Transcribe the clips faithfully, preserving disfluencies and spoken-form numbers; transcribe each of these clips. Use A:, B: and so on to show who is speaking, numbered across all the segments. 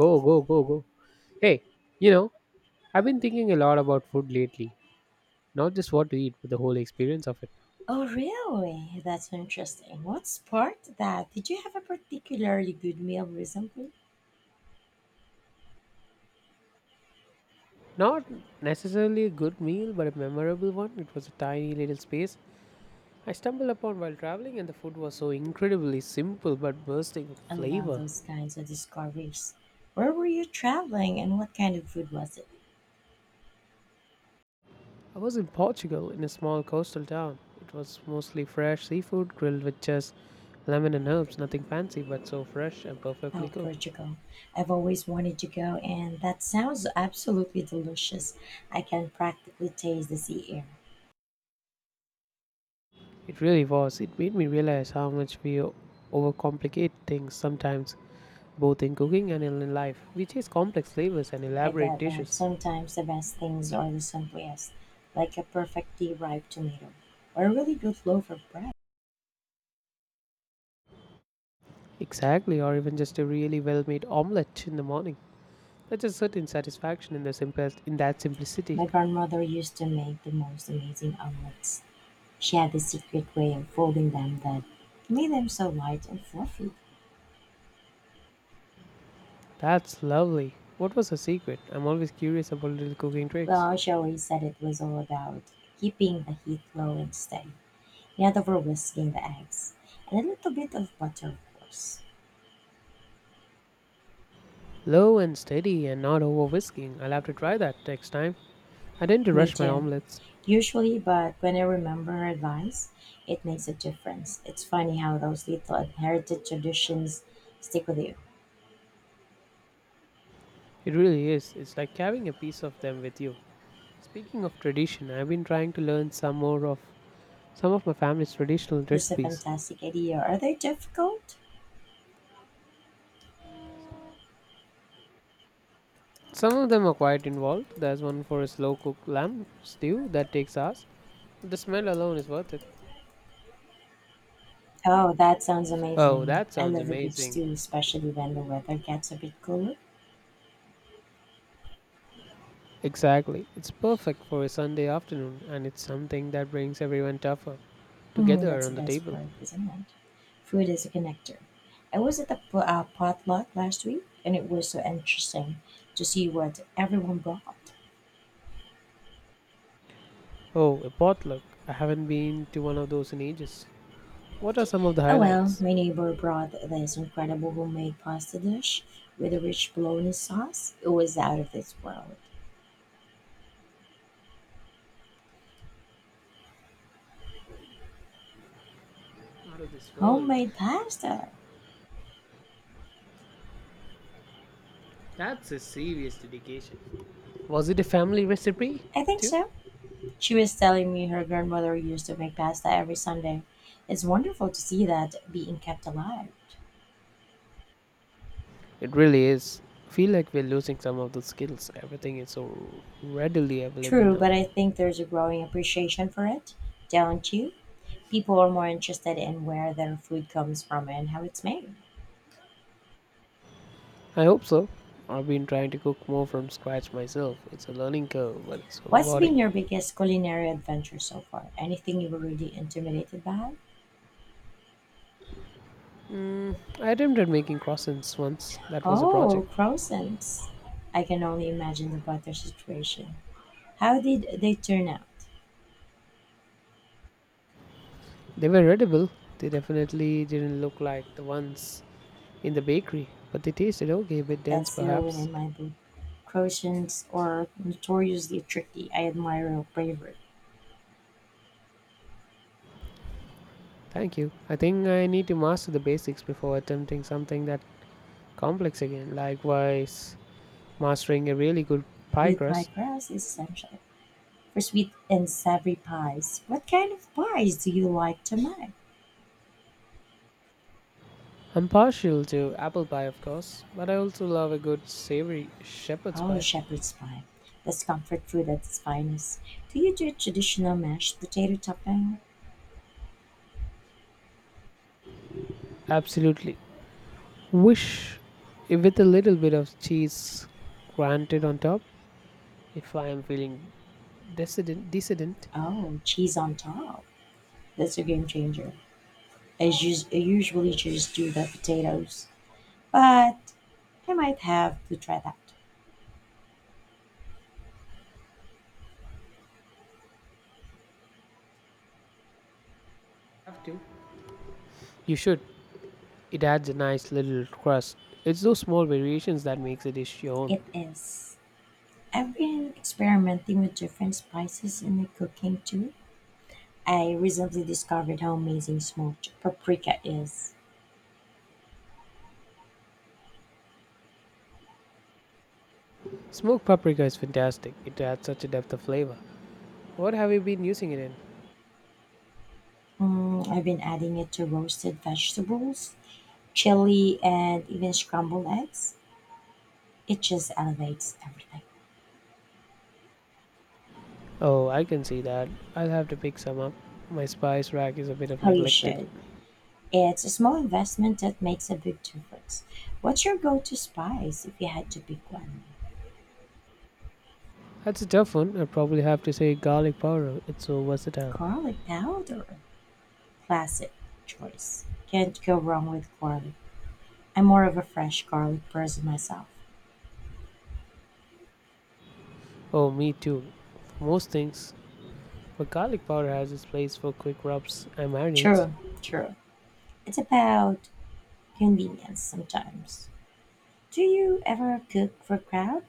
A: Go, go, go, go. Hey, you know, I've been thinking a lot about food lately. Not just what to eat, but the whole experience of it.
B: Oh, really? That's interesting. What sparked that? Did you have a particularly good meal recently?
A: Not necessarily a good meal, but a memorable one. It was a tiny little space I stumbled upon while traveling, and the food was so incredibly simple but bursting with
B: I love
A: flavor.
B: those kinds of discoveries. Where were you traveling and what kind of food was it?
A: I was in Portugal in a small coastal town. It was mostly fresh seafood grilled with just lemon and herbs, nothing fancy, but so fresh and perfectly
B: Oh,
A: cooked.
B: Portugal. I've always wanted to go, and that sounds absolutely delicious. I can practically taste the sea air.
A: It really was. It made me realize how much we o- overcomplicate things sometimes, both in cooking and in in life. We chase complex flavors and
B: I
A: elaborate
B: get that
A: dishes.
B: sometimes the best things are the simplest, like a perfectly ripe tomato or a really good loaf of bread.
A: Exactly, or even just a really well-made omelette in the morning. There's a certain satisfaction in the simple, in that simplicity.
B: My grandmother used to make the most amazing omelets. She had this secret way of folding them that made them so light and fluffy.
A: That's lovely. What was her secret? I'm always curious about little cooking tricks.
B: Well, she always said it was all about keeping the heat low and steady. Not over whisking the eggs. And a little bit of butter, of course.
A: Low and steady and not over whisking. I'll have to try that next time. I tend to
B: Me
A: rush my
B: too.
A: omelettes.
B: Usually, but when I remember her advice, it makes a difference. It's funny how those little inherited traditions stick with you.
A: It really is. It's like carrying a piece of them with you. Speaking of tradition, I've been trying to learn some more of some of my family's traditional
B: This is a
A: recipes.
B: fantastic idea. Are they difficult?
A: Some of them are quite involved. There's one for a slow cooked lamb stew that takes hours. The smell alone is worth it.
B: Oh, that sounds
A: Oh,
B: amazing.
A: that
B: I
A: sounds
B: love the beach
A: amazing.
B: too, especially when the weather gets a bit cooler.
A: Exactly. It's perfect for a Sunday afternoon and it's something that brings everyone tougher
B: Mm,
A: together
B: that's the
A: around the
B: best
A: table.
B: part, isn't it? Food is a connector. I was at a po- uh, potluck last week, and it was so interesting to see what everyone brought.
A: Oh, a potluck. I haven't been to one of those in ages. What are some of the
B: Oh well,
A: highlights?
B: my neighbor brought this incredible homemade pasta dish with a rich bologna sauce. It was out of this world.
A: Out of this world.
B: Homemade pasta?
A: That's a serious dedication. Was it a family recipe
B: I think
A: too?
B: so. She was telling me her grandmother used to make pasta every Sunday. It's wonderful to see that being kept alive.
A: It really is. Feel like we're losing some of the skills. Everything is so readily available
B: True,
A: now.
B: but I think there's a growing appreciation for it, don't you? People are more interested in where their food comes from and how it's made.
A: I hope so. I've been trying to cook more from scratch myself. It's a learning curve, but it's so
B: What's been
A: rewarding.
B: your biggest culinary adventure so far? Anything you were really intimidated by?
A: I attempted making croissants once. That was a project.
B: Oh, croissants. I can only imagine the butter situation. How did they turn out?
A: They were edible. They definitely didn't look like the ones in the bakery, but they tasted okay, a bit
B: That
A: dense
B: still win
A: perhaps.
B: in my book. Croatians are notoriously tricky. I admire your bravery.
A: Thank you. I think I need to master the basics before attempting something that complex again. Likewise, mastering a really good pie
B: Good pie
A: crust.
B: crust is essential. For sweet and savory pies, what kind of pies do you like to make?
A: I'm partial to apple pie, of course, but I also love a good savory shepherd's
B: Oh,
A: pie.
B: shepherd's pie. That's comfort food at its finest. Do you do traditional mashed potato topping?
A: Absolutely. Wish with a little bit of cheese granted on top. If I am feeling decadent, decadent,
B: Oh, cheese on top. That's a game changer. I, just, I usually just do the potatoes, but I might have to try that.
A: have to. You should. It adds a nice little crust. It's those small variations that makes a dish your own.
B: It is. I've been experimenting with different spices in the cooking too. I recently discovered how amazing smoked paprika is.
A: Smoked paprika is fantastic. It adds such a depth of flavor. What have you been using it in?
B: Mm, I've been adding it to roasted vegetables, chili, and even scrambled eggs. It just elevates everything.
A: Oh, I can see that. I'll have to pick some up. My spice rack is a bit of
B: How you
A: neglected.
B: should. It's a small investment that makes a big difference. What's your go to spice if you had to pick one?
A: That's a tough one. I'd probably have to say garlic powder. It's so versatile.
B: Garlic powder. Classic choice. Can't go wrong with garlic. I'm more of a fresh garlic person myself.
A: Oh, me too. For most things, but garlic powder has its place for quick rubs and marinades.
B: True, true. It's about convenience sometimes. Do you ever cook for crowd?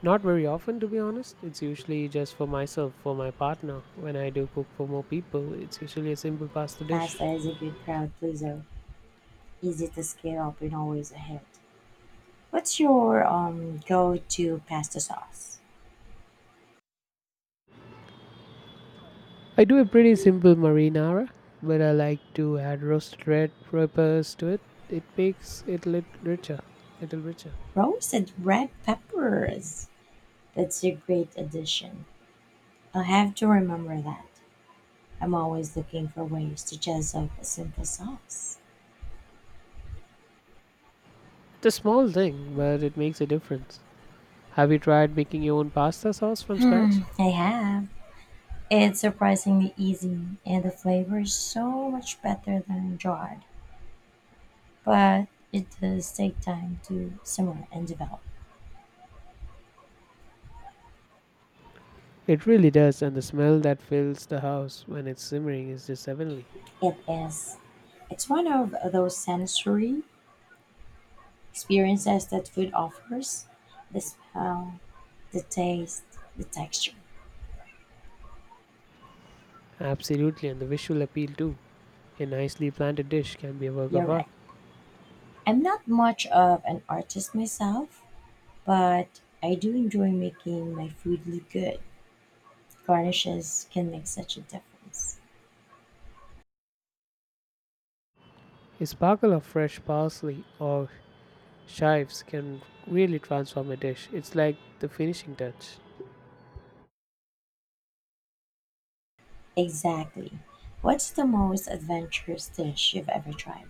A: Not very often, to be honest. It's usually just for myself, for my partner. When I do cook for more people, it's usually a simple pasta dish.
B: Pasta is a good crowd pleaser, easy to scale up and always ahead. What's your um go-to pasta sauce?
A: I do a pretty simple marinara, but I like to add roasted red peppers to it. It makes it lit richer, little richer.
B: Roasted red peppers. That's a great addition. I'll have to remember that. I'm always looking for ways to jazz up a simple sauce.
A: It's a small thing, but it makes a difference. Have you tried making your own pasta sauce from scratch?
B: I have. It's surprisingly easy, and the flavor is so much better than dried. But it does take time to simmer and develop.
A: It really does, and the smell that fills the house when it's simmering is just heavenly.
B: It is. It's one of those sensory experiences that food offers: the smell, the taste, the texture.
A: Absolutely, and the visual appeal too. A nicely planted dish can be a work
B: You're
A: of art.
B: right. I'm not much of an artist myself, but I do enjoy making my food look good. Garnishes can make such a difference.
A: A sparkle of fresh parsley or chives can really transform a dish. It's like the finishing touch.
B: Exactly. What's the most adventurous dish you've ever tried?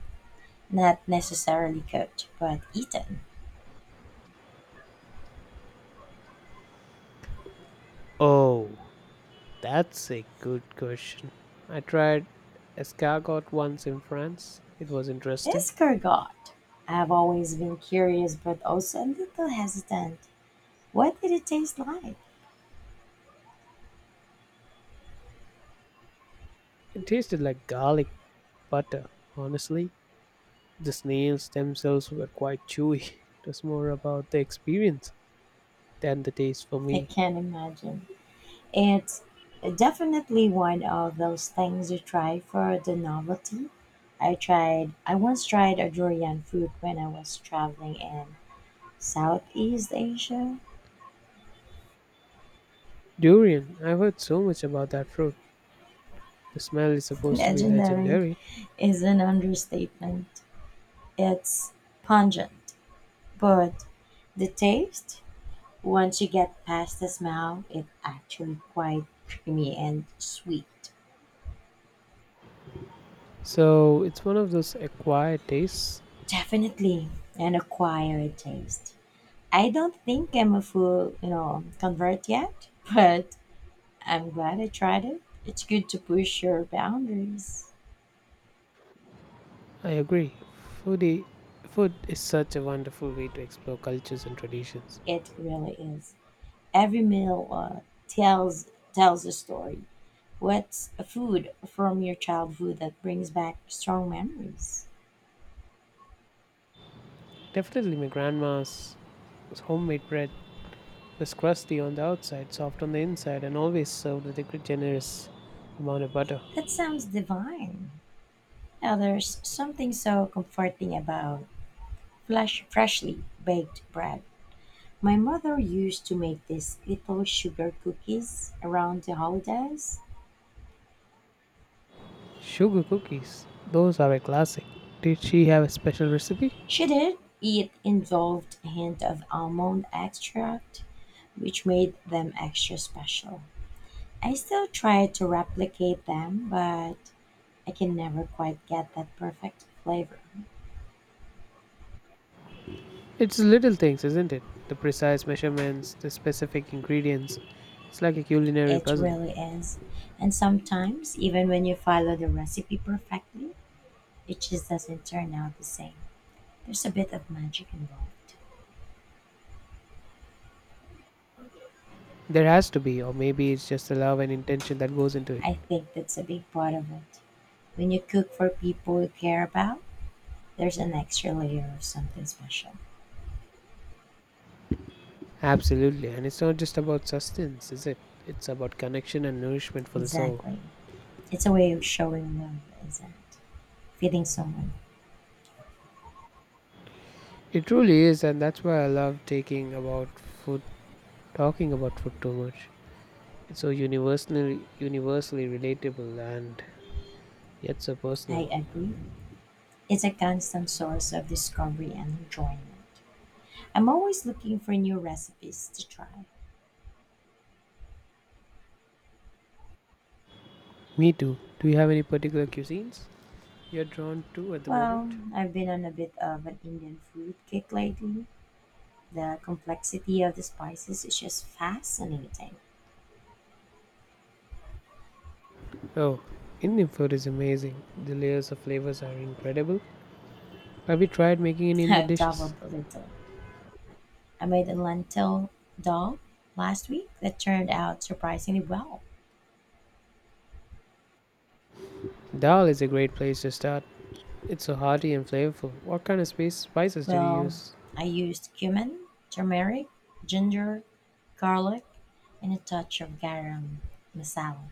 B: Not necessarily cooked, but eaten.
A: Oh, that's a good question. I tried escargot once in France. It was interesting.
B: Escargot. I've always been curious, but also a little hesitant. What did it taste like?
A: It tasted like garlic butter, honestly. The snails themselves were quite chewy. It was more about the experience than the taste for
B: I
A: me.
B: can't imagine. It's definitely one of those things you try for the novelty. I tried, I once tried a durian fruit when I was traveling in Southeast Asia.
A: Durian, I've heard so much about that fruit. The smell is supposed to be
B: Legendary
A: legendary.
B: is an understatement. It's pungent, but the taste, once you get past the smell, it's actually quite creamy and sweet.
A: So it's one of those acquired tastes.
B: Definitely an acquired taste. I don't think I'm a full, you know, convert yet, but I'm glad I tried it. It's good to push your boundaries.
A: I agree. Foodie, food is such a wonderful way to explore cultures and traditions.
B: It really is. Every meal uh, tells tells a story. What's a food from your childhood that brings back strong memories?
A: Definitely, my grandma's homemade bread was crusty on the outside, soft on the inside, and always served with a generous amount of butter.
B: That sounds divine. Now, there's something so comforting about flesh, freshly baked bread. My mother used to make these little sugar cookies around the holidays.
A: Sugar cookies, those are a classic. Did she have a special recipe?
B: She did. It involved a hint of almond extract, which made them extra special. I still try to replicate them, but I can never quite get that perfect flavor.
A: It's little things, isn't it? The precise measurements, the specific ingredients. It's like a culinary
B: It
A: puzzle.
B: really is. And sometimes, even when you follow the recipe perfectly, it just doesn't turn out the same. There's a bit of magic involved.
A: There has to be, or maybe it's just the love and intention that goes into it.
B: I think that's a big part of it. When you cook for people you care about, there's an extra layer of something special.
A: Absolutely, and it's not just about sustenance, is it? It's about connection and nourishment for the soul.
B: Exactly. It's a way of showing love, isn't it? Feeding someone.
A: It truly is, and that's why I love taking about food, talking about food too much. It's so universally, universally relatable and yet so
B: I
A: personal.
B: agree. It's a constant source of discovery and enjoyment. I'm always looking for new recipes to try.
A: Me too. Do you have any particular cuisines you're drawn to at the
B: Well,
A: moment?
B: I've been on a bit of an Indian food kick lately. The complexity of the spices is just fascinating.
A: Oh, Indian food is amazing. The layers of flavors are incredible. Have you tried making any Indian
B: I've
A: dishes?
B: dabbled a little. I made a lentil dal last week that turned out surprisingly well.
A: Dal is a great place to start. It's so hearty and flavorful. What kind of space spices did you
B: Well,
A: use?
B: I used cumin, turmeric, ginger, garlic, and a touch of garam masala,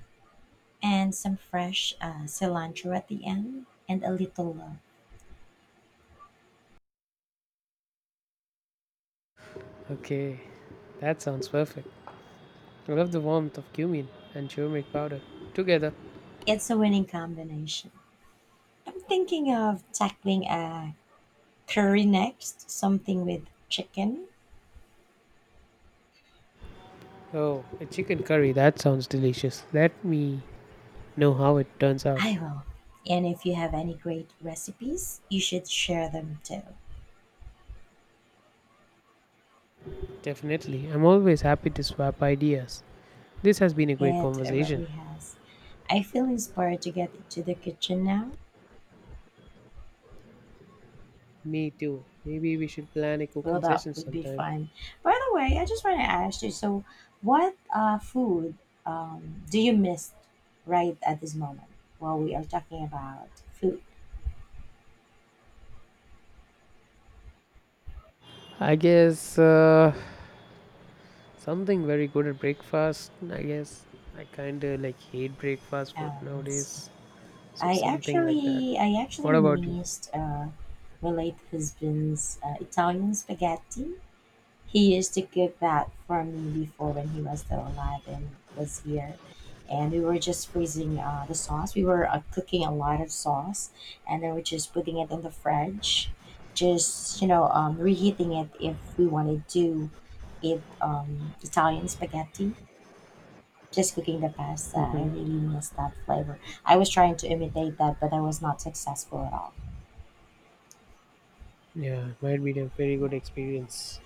B: and some fresh uh, cilantro at the end, and a little love.
A: Okay, that sounds perfect. I love the warmth of cumin and turmeric powder together.
B: It's a winning combination. I'm thinking of tackling a curry next, something with chicken.
A: Oh, a chicken curry. That sounds delicious. Let me know how it turns out.
B: I will. And if you have any great recipes, you should share them too.
A: Definitely. I'm always happy to swap ideas. This has been a great
B: It
A: conversation.
B: really has. I feel inspired to get into the kitchen now.
A: Me too. Maybe we should plan a
B: Well,
A: cooking
B: that
A: session
B: would be
A: sometime.
B: fun. By the way, I just want to ask you so, what uh, food um, do you miss right at this moment while we are talking about food?
A: I guess uh, something very good at breakfast. I guess I kind of like hate breakfast food
B: Um,
A: nowadays. So
B: I
A: something like that.
B: actually I actually
A: What about you?
B: missed uh, my late husband's uh, Italian spaghetti. He used to cook that for me before when he was still alive and was here. And we were just freezing uh, the sauce. We were uh, cooking a lot of sauce, and then we're just putting it in the fridge, just you know, um, reheating it if we wanted to eat um, Italian spaghetti just cooking the pasta. I
A: Hmm.
B: really miss that flavor. I was trying to imitate that, but I was not successful at all.
A: Yeah, might be a very good experience.